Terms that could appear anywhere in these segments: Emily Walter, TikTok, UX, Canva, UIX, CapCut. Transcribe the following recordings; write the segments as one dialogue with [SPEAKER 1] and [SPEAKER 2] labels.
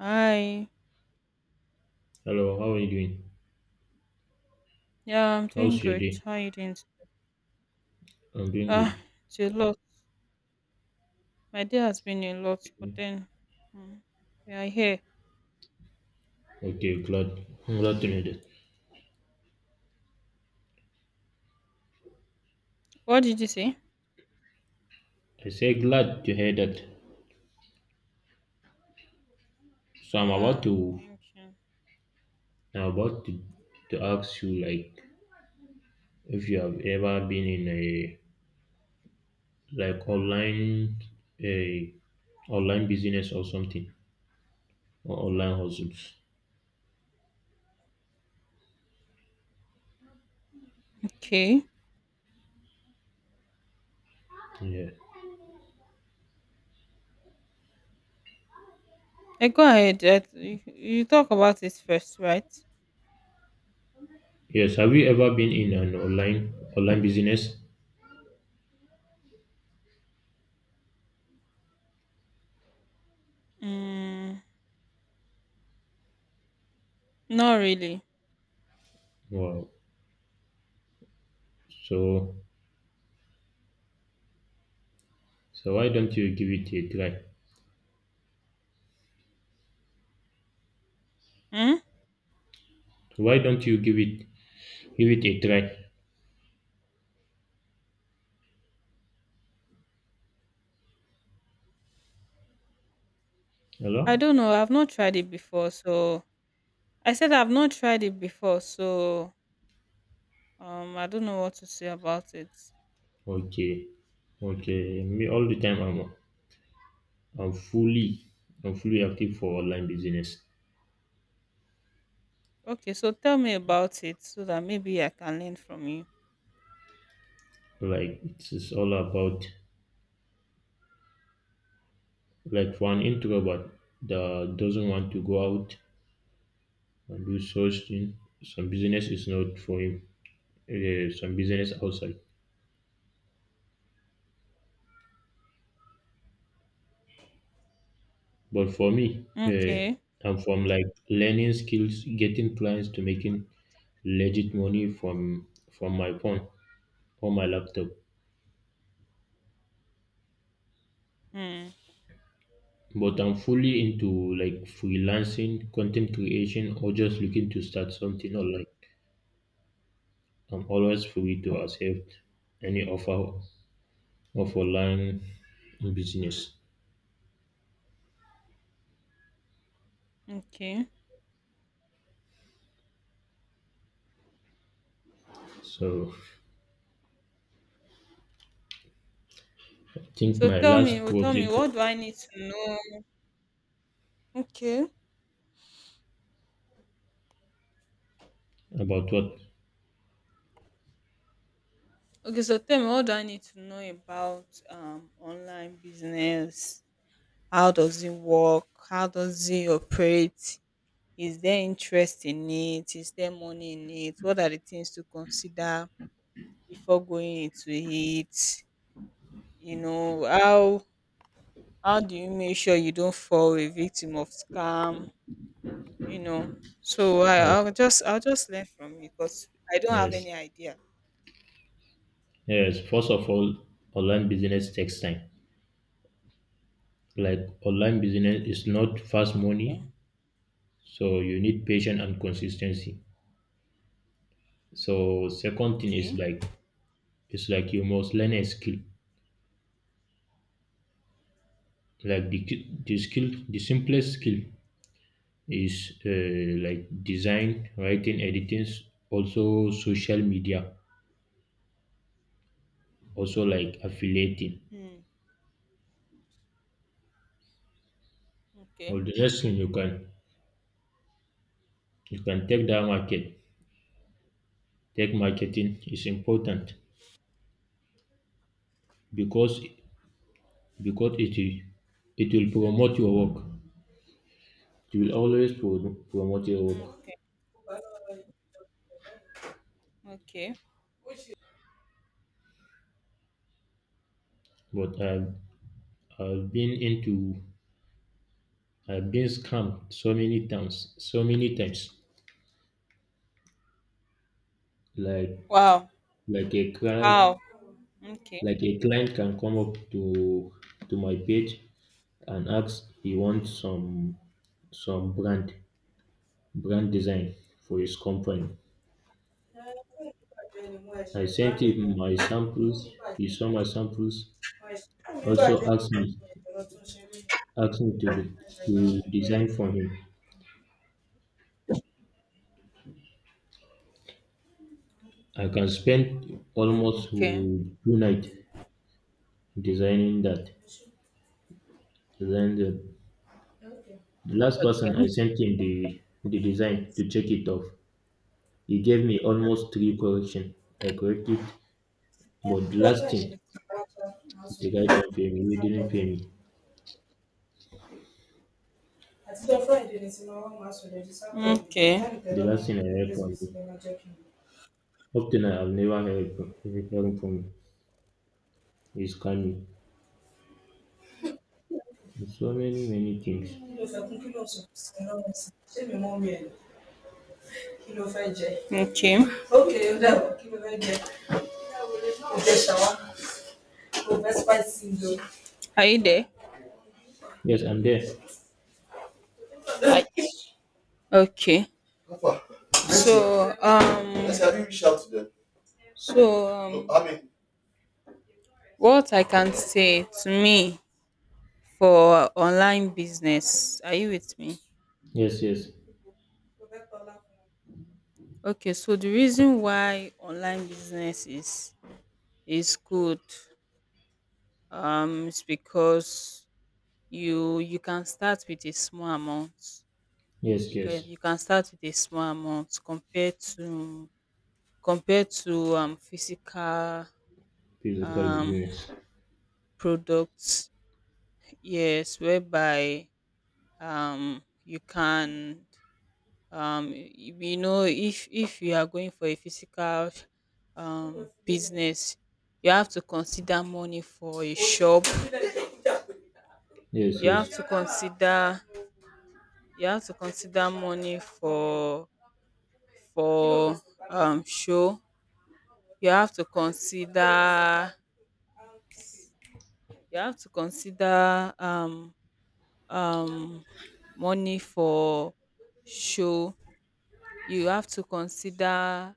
[SPEAKER 1] Hi.
[SPEAKER 2] Hello, how are you doing?
[SPEAKER 1] Yeah, I'm doing
[SPEAKER 2] How's your
[SPEAKER 1] great.
[SPEAKER 2] day?
[SPEAKER 1] How you doing?
[SPEAKER 2] I'm doing
[SPEAKER 1] Ah,
[SPEAKER 2] good.
[SPEAKER 1] it's a lot. My day has been a lot, but then mm, we are here.
[SPEAKER 2] Okay, glad. I'm glad to hear that.
[SPEAKER 1] What did you say?
[SPEAKER 2] I say glad to hear that. So I'm about
[SPEAKER 1] Yeah,
[SPEAKER 2] to
[SPEAKER 1] thank you.
[SPEAKER 2] I'm about to, to ask you, like, if you have ever been in like online a online business or something, or online hustles.
[SPEAKER 1] Okay.
[SPEAKER 2] Yeah.
[SPEAKER 1] I go ahead. You talk about it first, right?
[SPEAKER 2] Yes, have you ever been in an online business?
[SPEAKER 1] Mm, not really.
[SPEAKER 2] Wow. So so why don't you give it a try?
[SPEAKER 1] Hmm?
[SPEAKER 2] Why don't you give it a try?
[SPEAKER 1] I
[SPEAKER 2] Hello?
[SPEAKER 1] don't know. I've not tried it before, so I said I've not tried it before, so I don't know what to say about it.
[SPEAKER 2] Okay. Okay. Me, all the time, I'm fully I'm fully active for online business.
[SPEAKER 1] Okay, so tell me about it so that maybe I can learn from you.
[SPEAKER 2] Like, it's all about, like, for an introvert that doesn't want to go out and do such thing. Some business is not for him. Some business outside. But for me,
[SPEAKER 1] Okay.
[SPEAKER 2] I'm from, like, learning skills, getting clients to making legit money from my phone or my laptop.
[SPEAKER 1] Hmm.
[SPEAKER 2] But I'm fully into, like, freelancing, content creation, or just looking to start something online. I'm always free to accept any offer of online business.
[SPEAKER 1] Okay.
[SPEAKER 2] So I think
[SPEAKER 1] So
[SPEAKER 2] my last
[SPEAKER 1] tell me,
[SPEAKER 2] project is
[SPEAKER 1] what do I need to know? Okay.
[SPEAKER 2] about what.
[SPEAKER 1] Okay, so tell me, what do I need to know about online business? How does it work? How does it operate? Is there interest in it? Is there money in it? What are the things to consider before going into it? You know, how do you make sure you don't fall a victim of scam? you know. So I,
[SPEAKER 2] I've,
[SPEAKER 1] I'll just I'll just learn from you because I don't have
[SPEAKER 2] yes,
[SPEAKER 1] any idea.
[SPEAKER 2] yes, first of all, online business takes time. Like, online business is not fast money,
[SPEAKER 1] Okay.
[SPEAKER 2] so you need patience and consistency. So, second thing is
[SPEAKER 1] Okay.
[SPEAKER 2] like, it's like you must learn a skill, like the simplest skill is, like design, writing, editing, also social media, also, like, affiliating.
[SPEAKER 1] Hmm.
[SPEAKER 2] Well,
[SPEAKER 1] Okay.
[SPEAKER 2] the rest thing you can take marketing is important, because because it will promote your work, it will always promote your work.
[SPEAKER 1] Okay. Okay.
[SPEAKER 2] But I've been into I've been scammed so many times, like
[SPEAKER 1] Wow.
[SPEAKER 2] like a crab.
[SPEAKER 1] How? Okay.
[SPEAKER 2] Like, a client can come up to my page and ask he wants some brand design for his company.
[SPEAKER 1] Okay.
[SPEAKER 2] I sent him my samples. He saw my samples. Also asked me to design for him. I can spend almost
[SPEAKER 1] Okay.
[SPEAKER 2] 2 night designing that. Then, the,
[SPEAKER 1] Okay.
[SPEAKER 2] the last person, I sent him the design to check it off. He gave me almost three correction. I corrected. But the last thing, the guy don't pay me, he didn't pay me. The last thing I heard from him, up to now I've never heard from him, is Kami. And so many, many things.
[SPEAKER 1] Sí, sí. Okay. OK. Are you there?
[SPEAKER 2] Yes, I'm there.
[SPEAKER 1] I, okay. So um no, um what I can say to me for online business, are you with me?
[SPEAKER 2] Yes, yes,
[SPEAKER 1] Okay, so the reason why online business is good is because you can start with a small amount,
[SPEAKER 2] yes,
[SPEAKER 1] you can
[SPEAKER 2] yes.
[SPEAKER 1] you can start with a small amount compared to, physical,
[SPEAKER 2] Physical
[SPEAKER 1] um
[SPEAKER 2] business.
[SPEAKER 1] products, yes, whereby you can, you, you know if you are going for a physical, business, you have to consider money for a shop,
[SPEAKER 2] Yes,
[SPEAKER 1] you have
[SPEAKER 2] yes.
[SPEAKER 1] to consider, money for, for show, you have to consider, you have to consider um um money for show, you have to consider,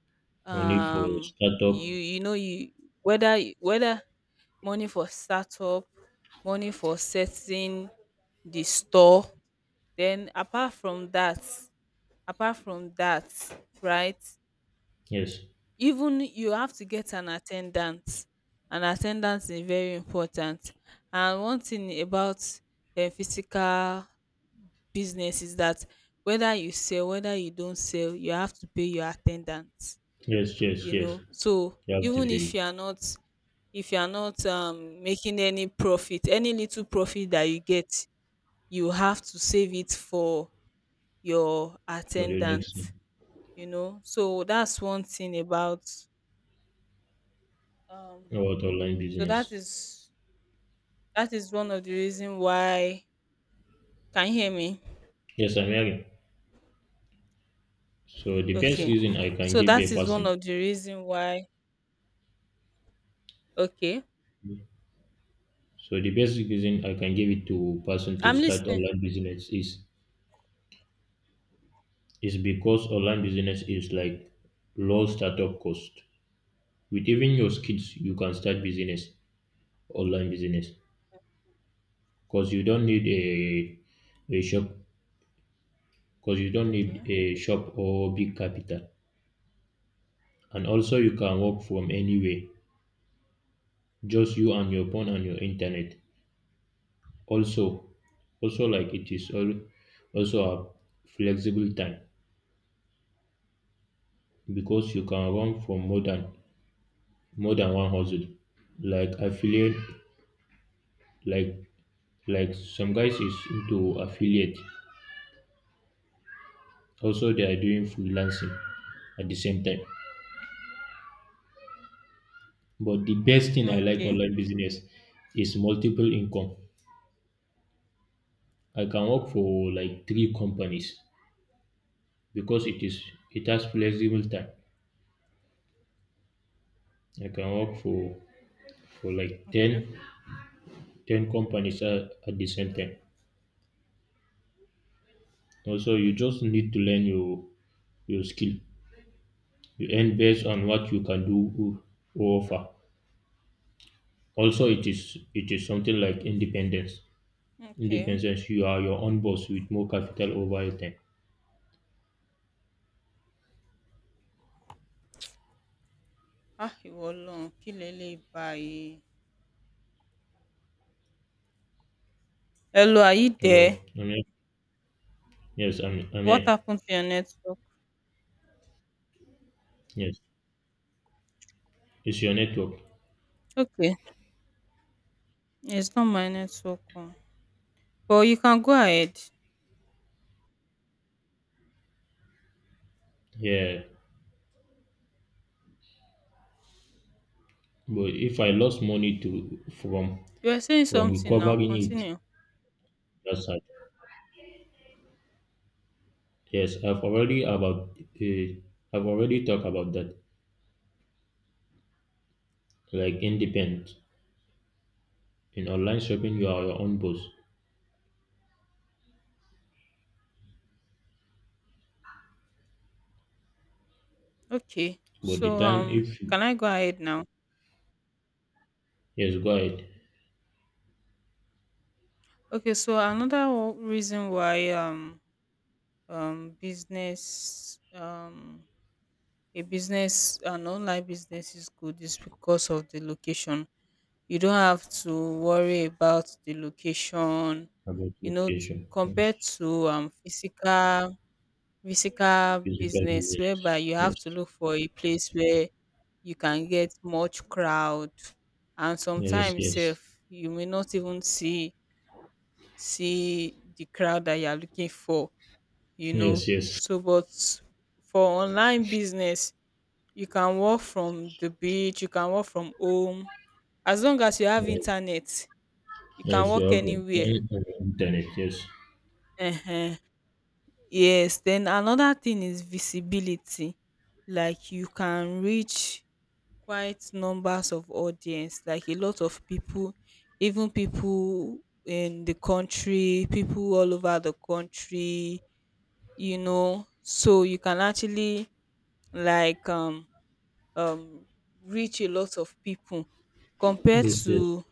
[SPEAKER 2] Only for
[SPEAKER 1] um you,
[SPEAKER 2] startup.
[SPEAKER 1] you know you, whether money for startup, money for setting the store. Then apart from that, apart from that right,
[SPEAKER 2] Yes,
[SPEAKER 1] even you have to get an attendant. An attendance is very important, and one thing about physical business is that whether you sell, whether you don't sell, you have to pay your attendant.
[SPEAKER 2] yes, yes,
[SPEAKER 1] You
[SPEAKER 2] yes.
[SPEAKER 1] know, so
[SPEAKER 2] You have to
[SPEAKER 1] even
[SPEAKER 2] pay
[SPEAKER 1] if
[SPEAKER 2] it
[SPEAKER 1] you are not, if you are not making any profit, any little profit that you get, you have to save it for your
[SPEAKER 2] for the
[SPEAKER 1] attendant.
[SPEAKER 2] next thing.
[SPEAKER 1] You know, so that's one thing about um
[SPEAKER 2] About online
[SPEAKER 1] So that
[SPEAKER 2] business.
[SPEAKER 1] is, one of the reason why, can you hear me?
[SPEAKER 2] Yes, I'm hearing. So the best
[SPEAKER 1] Okay.
[SPEAKER 2] reason I can
[SPEAKER 1] So
[SPEAKER 2] give
[SPEAKER 1] that
[SPEAKER 2] a
[SPEAKER 1] is one
[SPEAKER 2] person.
[SPEAKER 1] of the reason why, okay.
[SPEAKER 2] So the basic reason I can give it to person to
[SPEAKER 1] I'm
[SPEAKER 2] start
[SPEAKER 1] listening.
[SPEAKER 2] online business is, because online business is like low startup cost. With even your skills, you can start business online business because you don't need a shop, because you don't need
[SPEAKER 1] Okay.
[SPEAKER 2] a shop or big capital. And also, you can work from anywhere, just you and your phone and your internet. Also, like it is all, also, a flexible time, because you can run from more than one hustle. Like affiliate, like, some guys is into affiliate. Also, they are doing freelancing at the same time. But the best thing I like
[SPEAKER 1] Okay.
[SPEAKER 2] online business is multiple income. I can work for like three companies because it has flexible time. I can work for like ten companies at the same time. Also, you just need to learn your skill. You earn based on what you can do or offer. Also, it is something like independence.
[SPEAKER 1] Okay.
[SPEAKER 2] Independence, you are your own boss with more capital over your time.
[SPEAKER 1] Ah, ìwọ Ọlọ́run, kí leléyìí báyìí? Hello, are you there?
[SPEAKER 2] Hello, I'm here. Yes, I'm
[SPEAKER 1] What
[SPEAKER 2] here.
[SPEAKER 1] happened to your network?
[SPEAKER 2] Yes, it's your network.
[SPEAKER 1] Okay. It's not my network. Oh. But you can go ahead.
[SPEAKER 2] Yeah, but if I lost money to
[SPEAKER 1] You are saying
[SPEAKER 2] from
[SPEAKER 1] something now.
[SPEAKER 2] recovering it,
[SPEAKER 1] Continue.
[SPEAKER 2] that's sad. Yes, I've already talked about that. Like independent in online shopping, you are your own boss.
[SPEAKER 1] Okay.
[SPEAKER 2] But the
[SPEAKER 1] So
[SPEAKER 2] time if you,
[SPEAKER 1] can I go ahead now?
[SPEAKER 2] yes, go ahead.
[SPEAKER 1] Okay, so another reason why business, a business, an online business is good is because of the location. You don't have to worry about the location.
[SPEAKER 2] About
[SPEAKER 1] You know,
[SPEAKER 2] location. Yes.
[SPEAKER 1] compared to physical,
[SPEAKER 2] Physical,
[SPEAKER 1] business,
[SPEAKER 2] yes,
[SPEAKER 1] whereby you have to
[SPEAKER 2] yes,
[SPEAKER 1] look for a place where you can get much crowd, and
[SPEAKER 2] yes,
[SPEAKER 1] sometimes
[SPEAKER 2] yes,
[SPEAKER 1] sef you may not even see, the crowd that you are looking for, you know.
[SPEAKER 2] yes, yes,
[SPEAKER 1] So but for online business, you can work from the beach, you can work from home, as long as you have
[SPEAKER 2] yes,
[SPEAKER 1] internet, you can
[SPEAKER 2] yes. You
[SPEAKER 1] work
[SPEAKER 2] have your phone
[SPEAKER 1] anywhere.
[SPEAKER 2] and your internet, yes,
[SPEAKER 1] Uh-huh. Yes, then another thing is visibility. Like you can reach quite numbers of audience, like a lot of people, even people in the country, people all over the country, you know. So you can actually, like, um reach a lot of people, compared
[SPEAKER 2] yes, yes,
[SPEAKER 1] to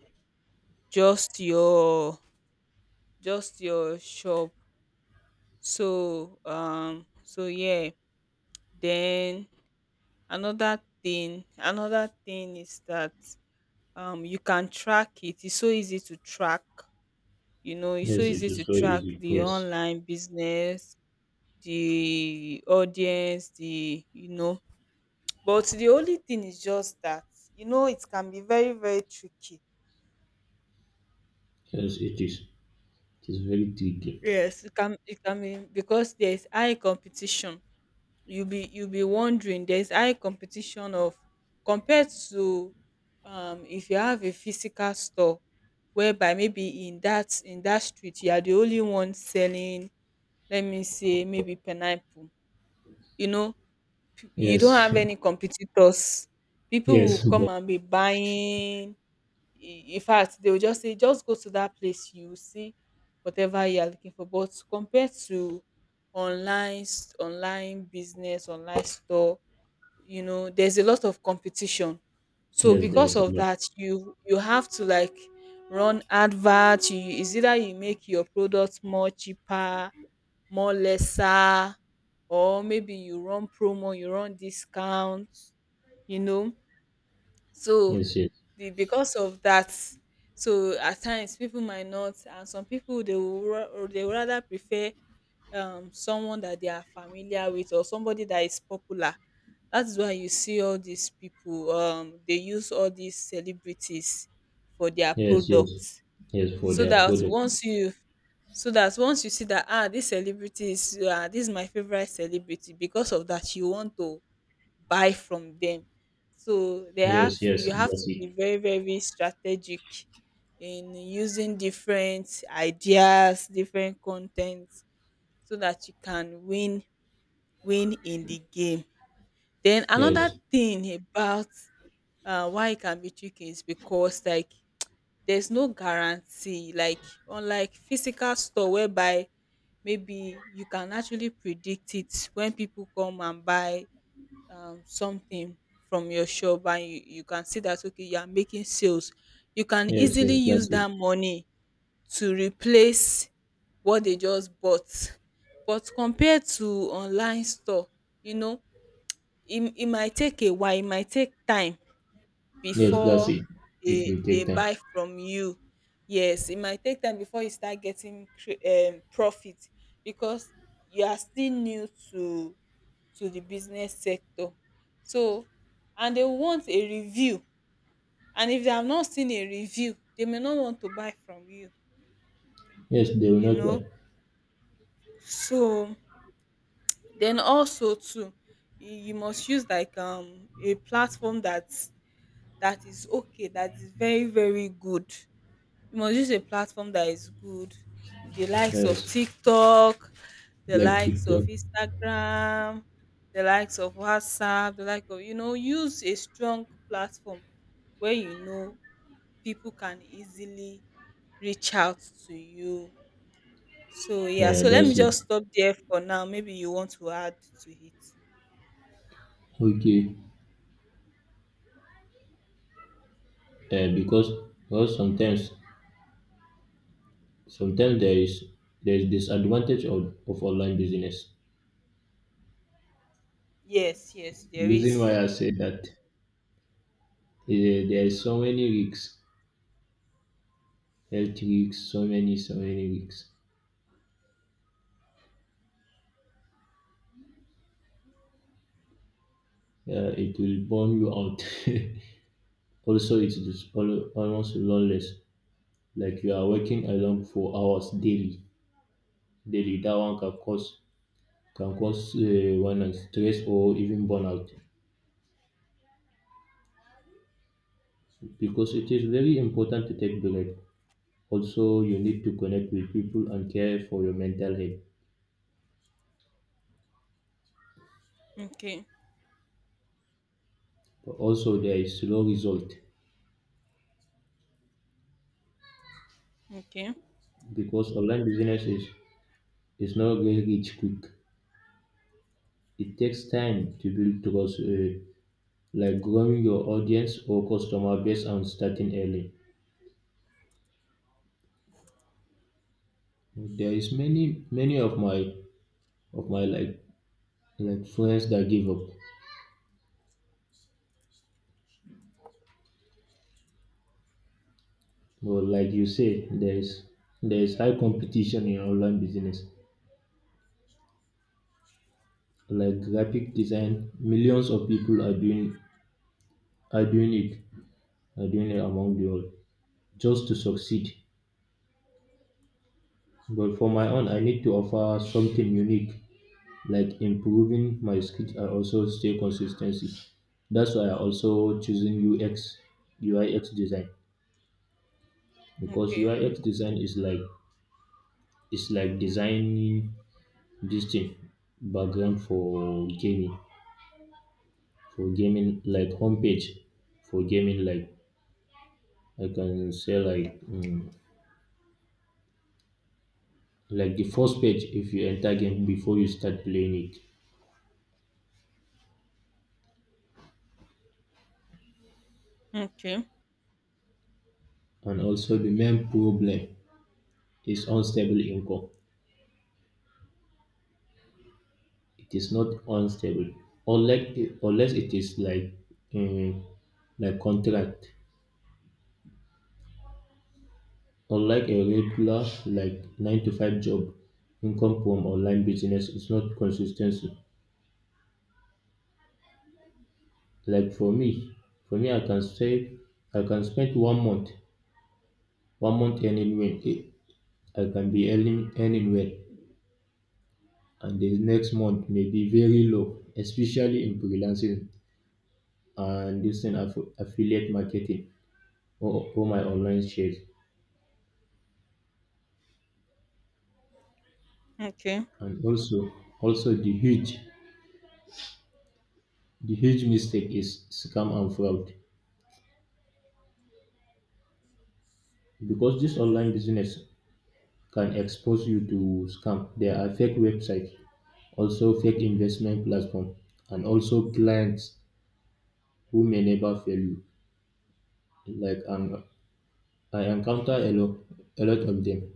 [SPEAKER 1] just your, shop. So so yeah, then another thing, is that you can track it. It's so easy to track, you know, it's so
[SPEAKER 2] yes. It
[SPEAKER 1] easy
[SPEAKER 2] is
[SPEAKER 1] to
[SPEAKER 2] so
[SPEAKER 1] track
[SPEAKER 2] easy,
[SPEAKER 1] the
[SPEAKER 2] yes,
[SPEAKER 1] online business, the audience, the, you know. But the only thing is just that, you know, it can be very, very tricky.
[SPEAKER 2] yes. It is. It is very tricky.
[SPEAKER 1] Yes, it can, be because there's high competition. You'll be, wondering, there's high competition of, compared to, if you have a physical store, whereby maybe in that, street you are the only one selling, let me say maybe pineapple, you know, you don't
[SPEAKER 2] Yes,
[SPEAKER 1] have any competitors, people will
[SPEAKER 2] yes,
[SPEAKER 1] come
[SPEAKER 2] but
[SPEAKER 1] and be buying, in fact they will just say just go to that place, you will see whatever you are looking for. But compared to online, online business, online store, you know, there's a lot of competition. So
[SPEAKER 2] yes,
[SPEAKER 1] because
[SPEAKER 2] there's a
[SPEAKER 1] of
[SPEAKER 2] lot.
[SPEAKER 1] that, you, have to, like, run advert. You, is either you make your product more cheaper, more lesser, or maybe you run promo, you run discount, you know. So
[SPEAKER 2] Yes, yes,
[SPEAKER 1] the, because of that, so at times people might not, and some people they will, or they would rather prefer someone that they are familiar with, or somebody that is popular. That's why you see all these people, they use all these celebrities for their
[SPEAKER 2] yes, yes,
[SPEAKER 1] products,
[SPEAKER 2] yes. For
[SPEAKER 1] so
[SPEAKER 2] their
[SPEAKER 1] that
[SPEAKER 2] product.
[SPEAKER 1] once you, see that, ah, this celebrity is, ah, this is my favorite celebrity, because of that you want to buy from them. So they have
[SPEAKER 2] Yes,
[SPEAKER 1] to,
[SPEAKER 2] yes,
[SPEAKER 1] you have to
[SPEAKER 2] that's
[SPEAKER 1] be
[SPEAKER 2] it.
[SPEAKER 1] very, very strategic in using different ideas, different content, so that you can win, in the game. Then another
[SPEAKER 2] Yes,
[SPEAKER 1] thing about, why it can be tricky is because, like, there's no guarantee, like unlike physical store, whereby maybe you can actually predict it when people come and buy something from your shop, and you, can see that, okay, you are making sales, you can
[SPEAKER 2] yes,
[SPEAKER 1] easily
[SPEAKER 2] yes,
[SPEAKER 1] use
[SPEAKER 2] that's it.
[SPEAKER 1] that money to replace what they just bought. But compared to online store, you know, it, might take a while, it might take time
[SPEAKER 2] Yes, that's
[SPEAKER 1] before
[SPEAKER 2] it. It
[SPEAKER 1] they,
[SPEAKER 2] will take time.
[SPEAKER 1] buy from you. Yes, it might take time before you start getting profit, because you are still new to, the business sector. So, and they want a review, and if they have not seen a review they may not want to buy from you,
[SPEAKER 2] Yes, they will
[SPEAKER 1] you
[SPEAKER 2] not
[SPEAKER 1] know.
[SPEAKER 2] buy.
[SPEAKER 1] So then also too, you, must use like a platform that, is okay, that is very, very good. You must use a platform that is good, the likes of
[SPEAKER 2] Yes,
[SPEAKER 1] TikTok, the
[SPEAKER 2] like
[SPEAKER 1] likes of
[SPEAKER 2] TikTok.
[SPEAKER 1] Instagram, the likes of WhatsApp, the like of, you know, use a strong platform where, you know, people can easily reach out to you. So yeah,
[SPEAKER 2] Yeah,
[SPEAKER 1] so let me
[SPEAKER 2] that's it.
[SPEAKER 1] just stop there for now. Maybe you want to add to it.
[SPEAKER 2] Okay. Eh, because sometimes there is disadvantage of online business.
[SPEAKER 1] Yes, yes,
[SPEAKER 2] The
[SPEAKER 1] there
[SPEAKER 2] reason
[SPEAKER 1] is.
[SPEAKER 2] why I say that, there is so many risks, health risks, so many risks. It will burn you out. Also, it is almost loneliness. Like, you are working alone for hours daily, daily. That one can cause one and stress or even burnout. Because it is very important to take break. Also, you need to connect with people and care for your mental health.
[SPEAKER 1] Okay,
[SPEAKER 2] But also, there is slow result
[SPEAKER 1] okay,
[SPEAKER 2] because online business is not get rich quick. It takes time to build trust, like growing your audience or customer base and starting early. There is many of my like friends that give up. But like you say, there is high competition in online business. Like graphic design, millions of people are doing it. Doing it among the all, just to succeed. But for my own, I need to offer something unique, like improving my skills and also stay consistency. That's why I also choosing UX, UIX design because
[SPEAKER 1] okay,
[SPEAKER 2] UIX design is like designing this thing, background for gaming like homepage, for gaming like I can say, like, like the first page if you enter game before you start playing it.
[SPEAKER 1] okay,
[SPEAKER 2] And also, the main problem is unstable income. It is not unstable, unlike unless it is like, um, like contract. Unlike a regular like nine to five job, income from online business is not consistency. Like for me, I can say, I can spend one month earning well. I can be earning well, and the next month may be very low, especially in freelancing, and using affiliate marketing, or my online shares.
[SPEAKER 1] okay.
[SPEAKER 2] And also, the huge mistake is scam and fraud because this online business can expose you to scam. There are fake websites, also fake investment platform, and also clients who may never fail you. Like, I encounter a lot of them.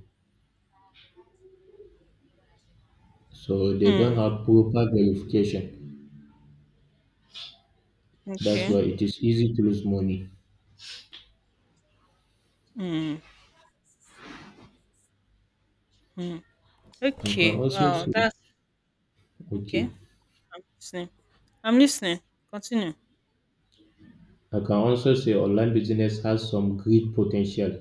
[SPEAKER 2] So they don't
[SPEAKER 1] Mm,
[SPEAKER 2] have proper verification. That's why
[SPEAKER 1] okay.
[SPEAKER 2] it is easy to lose money.
[SPEAKER 1] Mm, mm.
[SPEAKER 2] I can
[SPEAKER 1] Okay.
[SPEAKER 2] also
[SPEAKER 1] Wow,
[SPEAKER 2] say,
[SPEAKER 1] that's okay.
[SPEAKER 2] okay,
[SPEAKER 1] I'm listening. I'm listening. Continue.
[SPEAKER 2] I can also say online business has some great potential,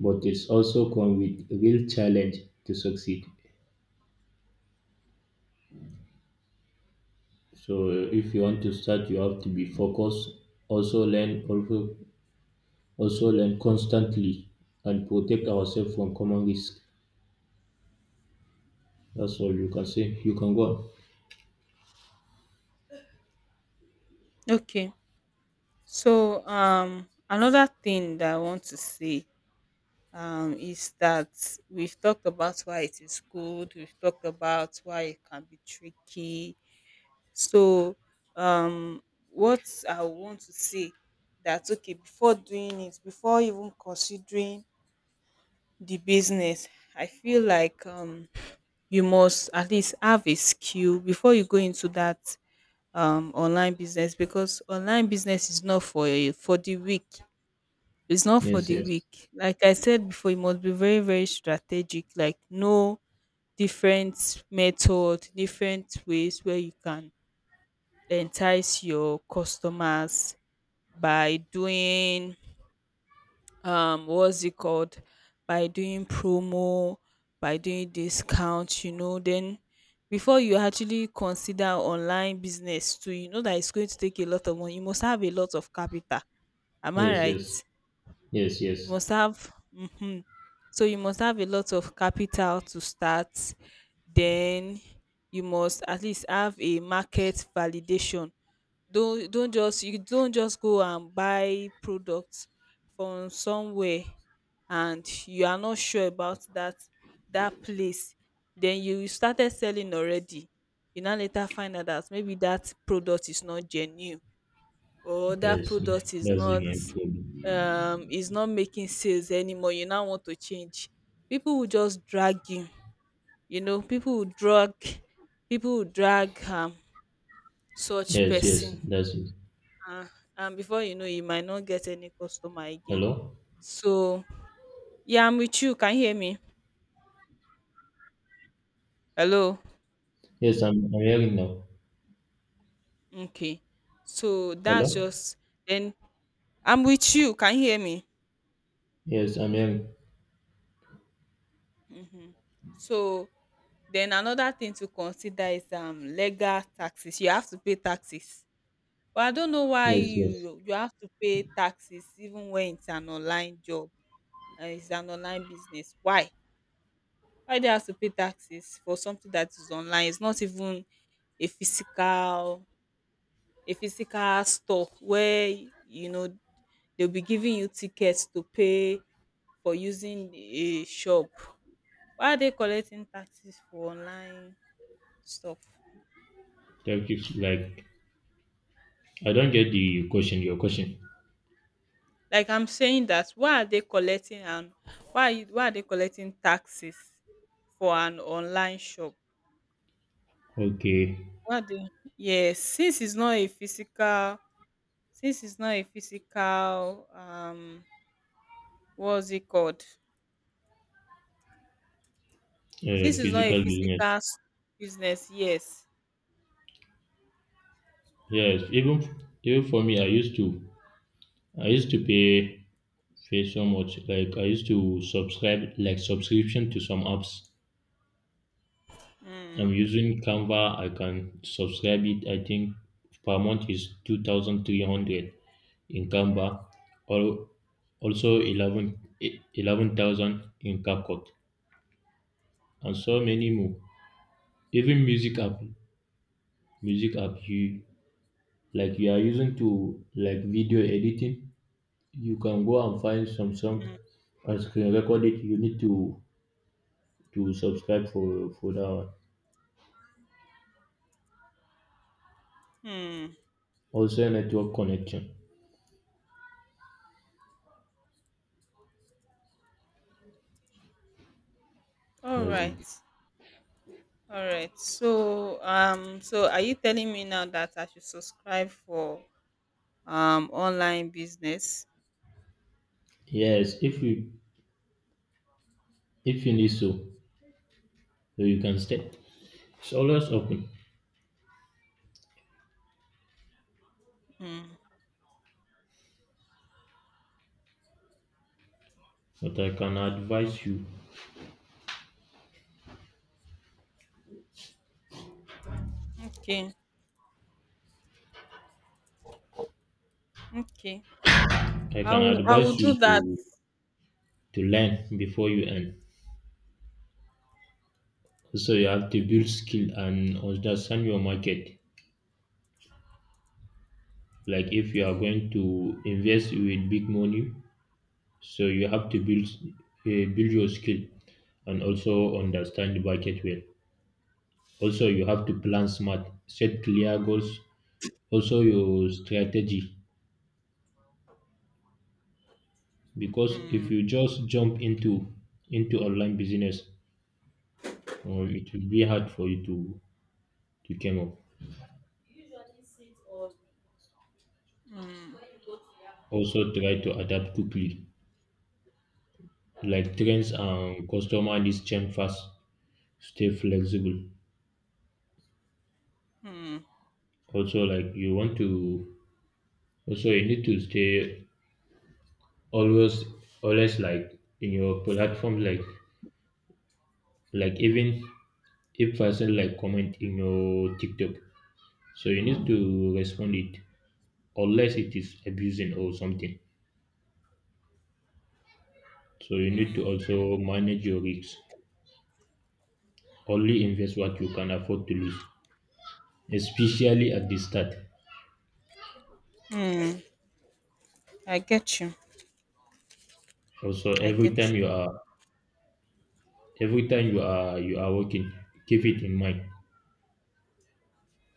[SPEAKER 2] but it's also come with real challenge to succeed. So if you want to start, you have to be focused, also learn also also learn constantly, and protect ourselves from common risk. That's all you can say. You can go on.
[SPEAKER 1] Okay. So another thing that I want to say is that we've talked about why it is good, we've talked about why it can be tricky. So um what I want to say, that okay, before doing it, before even considering the business, I feel like you must at least have a skill before you go into that online business, because online business is not for for the weak. It's not for
[SPEAKER 2] Yes,
[SPEAKER 1] the
[SPEAKER 2] yes.
[SPEAKER 1] weak. Like I said before, it must be very, very strategic. Like no, different method, different ways where you can entice your customers by doing, what's it called? By doing promo, by doing discount, you know, then before you actually consider online business too, you know that it's going to take a lot of money. You must have a lot of capital. Am I
[SPEAKER 2] Yes, yes.
[SPEAKER 1] right?
[SPEAKER 2] Yes,
[SPEAKER 1] You
[SPEAKER 2] yes.
[SPEAKER 1] must have, mhm. So you must have a lot of capital to start. Then you must at least have a market validation. Don't just you don't just go and buy products from somewhere and you are not sure about that, place. Then you started selling already. You now later find out that maybe that product is not genuine, or that
[SPEAKER 2] Yes.
[SPEAKER 1] product is
[SPEAKER 2] That's the
[SPEAKER 1] not,
[SPEAKER 2] main problem.
[SPEAKER 1] is not making sales anymore, you now want to change. People will just drag you, you know, people will drag such
[SPEAKER 2] Yes, yes.
[SPEAKER 1] person.
[SPEAKER 2] That's it.
[SPEAKER 1] uh, and before you know you might not get any customer again.
[SPEAKER 2] Hello?
[SPEAKER 1] So yeah, I'm with you, can you hear me? Hello.
[SPEAKER 2] Yes, I'm hearing now.
[SPEAKER 1] Okay, so that's
[SPEAKER 2] Hello?
[SPEAKER 1] just, then I'm with you, can you hear me?
[SPEAKER 2] Yes, I'm hearing.
[SPEAKER 1] So then another thing to consider is legal taxes. You have to pay taxes. But I don't know why,
[SPEAKER 2] Yes, yes.
[SPEAKER 1] you, have to pay taxes even when it's an online job and it's an online business. Why? Why do you have to pay taxes for something that is online? It's not even a physical, store where, you know, they'll be giving you tickets to pay for using a shop. Why are they collecting taxes for online stuff?
[SPEAKER 2] Thank you. Like, I don't get the question. Your question.
[SPEAKER 1] Like, I'm saying that, why are they collecting, and why are you, why are they collecting taxes for an online shop?
[SPEAKER 2] Okay.
[SPEAKER 1] Why they, yes, since it's not a physical, since it's not a physical um what's it called? Since it's not a
[SPEAKER 2] Physical
[SPEAKER 1] physical
[SPEAKER 2] business.
[SPEAKER 1] s- business, yes.
[SPEAKER 2] Yes. Even for me, I used to pay so much. Like, I used to subscribe, like, subscription to some apps. I'm using Canva. I can subscribe it. I think per month is 2,300 in Canva. Or also 11,000 in CapCut, and so many more. Even music app, you, like, you are using to, like, video editing, you can go and find some song and screen record it. You need to subscribe for that one.
[SPEAKER 1] Hmm.
[SPEAKER 2] Also network connection.
[SPEAKER 1] All
[SPEAKER 2] That's
[SPEAKER 1] right.
[SPEAKER 2] it.
[SPEAKER 1] All right. So so are you telling me now that I should subscribe for online business?
[SPEAKER 2] Yes, if you need so, you can stay. It's always open.
[SPEAKER 1] Hmm.
[SPEAKER 2] But I can
[SPEAKER 1] Mm,
[SPEAKER 2] advise you
[SPEAKER 1] okay. Okay.
[SPEAKER 2] I can
[SPEAKER 1] I will
[SPEAKER 2] advise
[SPEAKER 1] do
[SPEAKER 2] you
[SPEAKER 1] that.
[SPEAKER 2] to learn before you earn. Also, you have to build skill and understand your market. Like, if you are going to invest with big money, so you have to build your skill and also understand the market well. Also, you have to plan smart, set clear goals. Also, your strategy, because
[SPEAKER 1] Hmm,
[SPEAKER 2] if you just jump into online business, it will be hard for you to come up. Also, try to adapt quickly, like, trends and customer needs change fast. Stay flexible.
[SPEAKER 1] hmm,
[SPEAKER 2] Also, like, you want to, also you need to stay always always like in your platform, like even if person like comment in your TikTok. So you need to respond it unless it is abusing or something. So you need to also manage your risks. Only invest what you can afford to lose, especially at the start.
[SPEAKER 1] hmm. I get you.
[SPEAKER 2] Also,
[SPEAKER 1] I
[SPEAKER 2] every
[SPEAKER 1] get you.
[SPEAKER 2] time you are every time you are working, keep it in mind.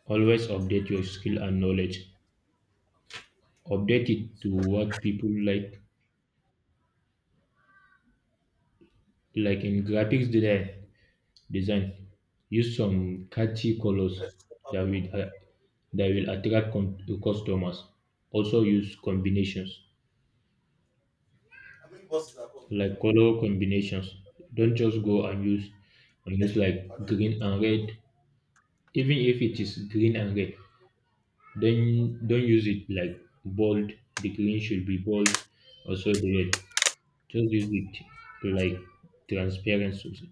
[SPEAKER 2] Always update your skill and knowledge. Update it to what people like. Like in graphics design. Use some catchy colors that will uh, that will attract customers. Also use combinations, like color combinations. Don't just go and use like green and red. Even if it is green and red, then don't use it like bold. The green should be bold. Also the red. Just use it to, like, transparency.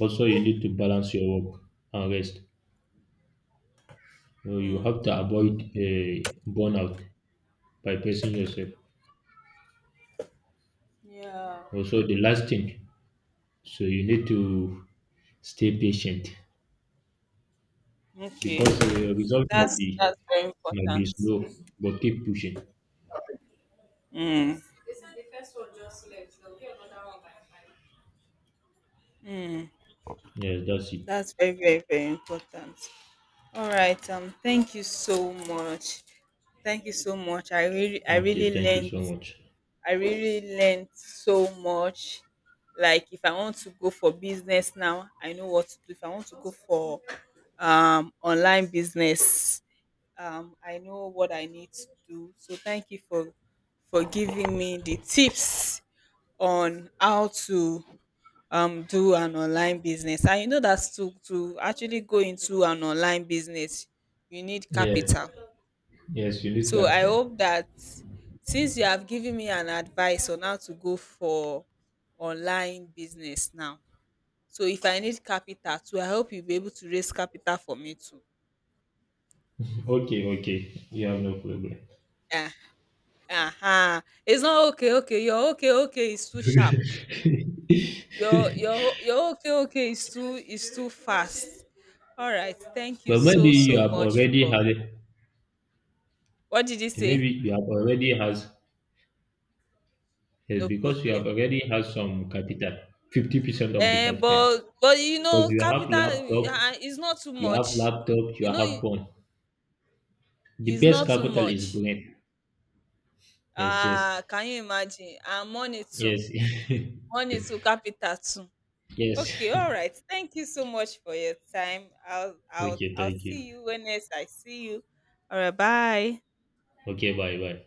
[SPEAKER 2] Also, you need to balance your work and rest. You
[SPEAKER 1] Hmm.
[SPEAKER 2] have to avoid, burnout by pacing yourself.
[SPEAKER 1] Yeah.
[SPEAKER 2] Also, the last thing, so you need to stay patient
[SPEAKER 1] Okay.
[SPEAKER 2] because the result might
[SPEAKER 1] That's,
[SPEAKER 2] be
[SPEAKER 1] very
[SPEAKER 2] might be
[SPEAKER 1] important.
[SPEAKER 2] slow, but keep pushing.
[SPEAKER 1] Mm, mm.
[SPEAKER 2] Yes, that's it.
[SPEAKER 1] That's very, very, very important. All right. Thank you so much. Thank you so much. I really, I
[SPEAKER 2] Okay,
[SPEAKER 1] really
[SPEAKER 2] thank you
[SPEAKER 1] learned.
[SPEAKER 2] so much.
[SPEAKER 1] I really learned so much. Like if I want to go for business now, I know what to do. If I want to go for online business, I know what I need to do. So thank you for, giving me the tips on how to, do an online business. And you know that to, actually go into an online business, you need
[SPEAKER 2] Yeah,
[SPEAKER 1] capital.
[SPEAKER 2] yes, you need
[SPEAKER 1] So I
[SPEAKER 2] capital.
[SPEAKER 1] hope that since you have given me an advice on how to go for online business now. So if I need capital too, I hope you'll be able to raise capital for me too.
[SPEAKER 2] Okay, okay, you have no problem.
[SPEAKER 1] Uh-huh. It's not okay, okay. Your okay, okay is too sharp. Your okay, okay is too, fast. All right. Thank you
[SPEAKER 2] But
[SPEAKER 1] so,
[SPEAKER 2] maybe you
[SPEAKER 1] so
[SPEAKER 2] have
[SPEAKER 1] much
[SPEAKER 2] already
[SPEAKER 1] for,
[SPEAKER 2] had
[SPEAKER 1] what did you say?
[SPEAKER 2] maybe you have already has yes,
[SPEAKER 1] No
[SPEAKER 2] because you have
[SPEAKER 1] problem.
[SPEAKER 2] already had some capital, 50% of the
[SPEAKER 1] Eh,
[SPEAKER 2] capital.
[SPEAKER 1] but,
[SPEAKER 2] Because
[SPEAKER 1] you know,
[SPEAKER 2] you have
[SPEAKER 1] capital,
[SPEAKER 2] laptop,
[SPEAKER 1] is not too
[SPEAKER 2] you have
[SPEAKER 1] much.
[SPEAKER 2] laptop, you
[SPEAKER 1] You know,
[SPEAKER 2] have phone. The
[SPEAKER 1] it's
[SPEAKER 2] best
[SPEAKER 1] not too
[SPEAKER 2] capital is
[SPEAKER 1] much.
[SPEAKER 2] brain. Yes, yes,
[SPEAKER 1] Ah, can you imagine? And money too,
[SPEAKER 2] yes,
[SPEAKER 1] capital too.
[SPEAKER 2] yes.
[SPEAKER 1] Okay, all right. Thank you so much for your time. I'll I'll
[SPEAKER 2] Okay,
[SPEAKER 1] I'll
[SPEAKER 2] thank you.
[SPEAKER 1] see you when next I see you. All right, bye.
[SPEAKER 2] Okay, bye, bye.